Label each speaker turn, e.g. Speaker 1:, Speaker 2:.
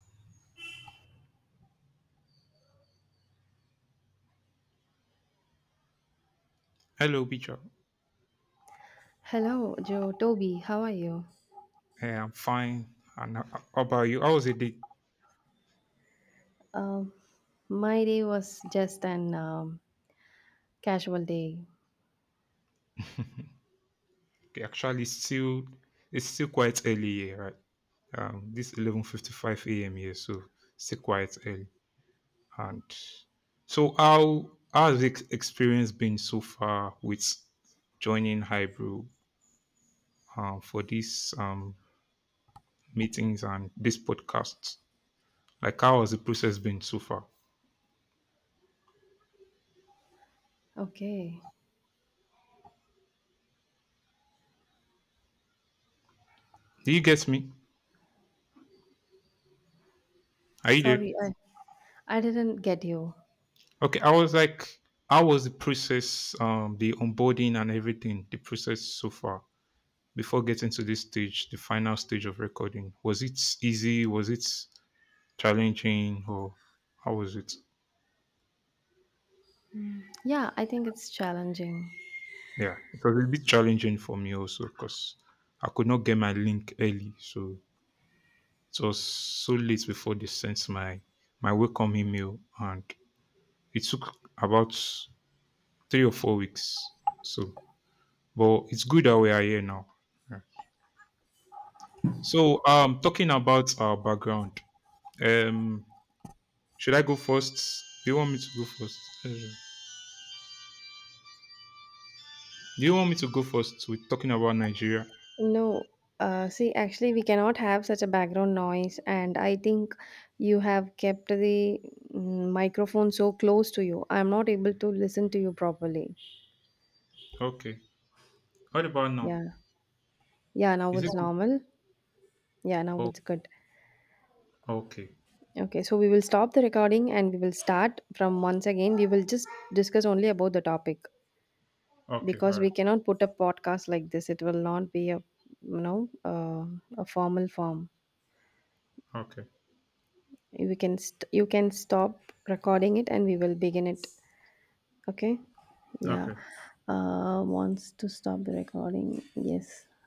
Speaker 1: Hello, Peter.
Speaker 2: Hello, Joe Toby. How are you?
Speaker 1: Hey, I'm fine. And how about you? How was the day?
Speaker 2: Um, my day was just an casual day.
Speaker 1: Okay, actually, still it's still quite early here, right? This 11:55 a.m. here, so still quite early. And so, how's the experience been so far with joining Hybrid, for these meetings and this podcast? Like, how has the process been so far?
Speaker 2: Okay,
Speaker 1: Do you get me? Are you there?
Speaker 2: sorry, I didn't get you.
Speaker 1: Okay, I was like, how was the process, the onboarding and everything, the process so far before getting to this stage, the final stage of recording? Was it easy? Was it challenging? Or how was it?
Speaker 2: Yeah, I think it's challenging.
Speaker 1: Yeah, it was a bit challenging for me also because I could not get my link early. So it was so late before they sent my welcome email. And it took about 3 or 4 weeks. So, but it's good that we are here now. Yeah. So, talking about our background, um, should I go first? Do you want me to go first? Do you want me to go first with talking about Nigeria?
Speaker 2: No, see, actually, we cannot have such a background noise, and I think you have kept the microphone so close to you. I'm not able to listen to you properly.
Speaker 1: Okay. What about now?
Speaker 2: Yeah, yeah. Now
Speaker 1: Is it?
Speaker 2: it's normal. Yeah, now
Speaker 1: Oh,
Speaker 2: it's good.
Speaker 1: okay.
Speaker 2: Okay, so we will stop the recording and we will start from once again. We will just discuss only about the topic
Speaker 1: Okay.
Speaker 2: because
Speaker 1: All right.
Speaker 2: we cannot put a podcast like this. It will not be a you know uh, a formal form.
Speaker 1: Okay.
Speaker 2: We can you can stop recording it and we will begin it. Okay, yeah.
Speaker 1: Okay.
Speaker 2: Wants to stop the recording. Yes.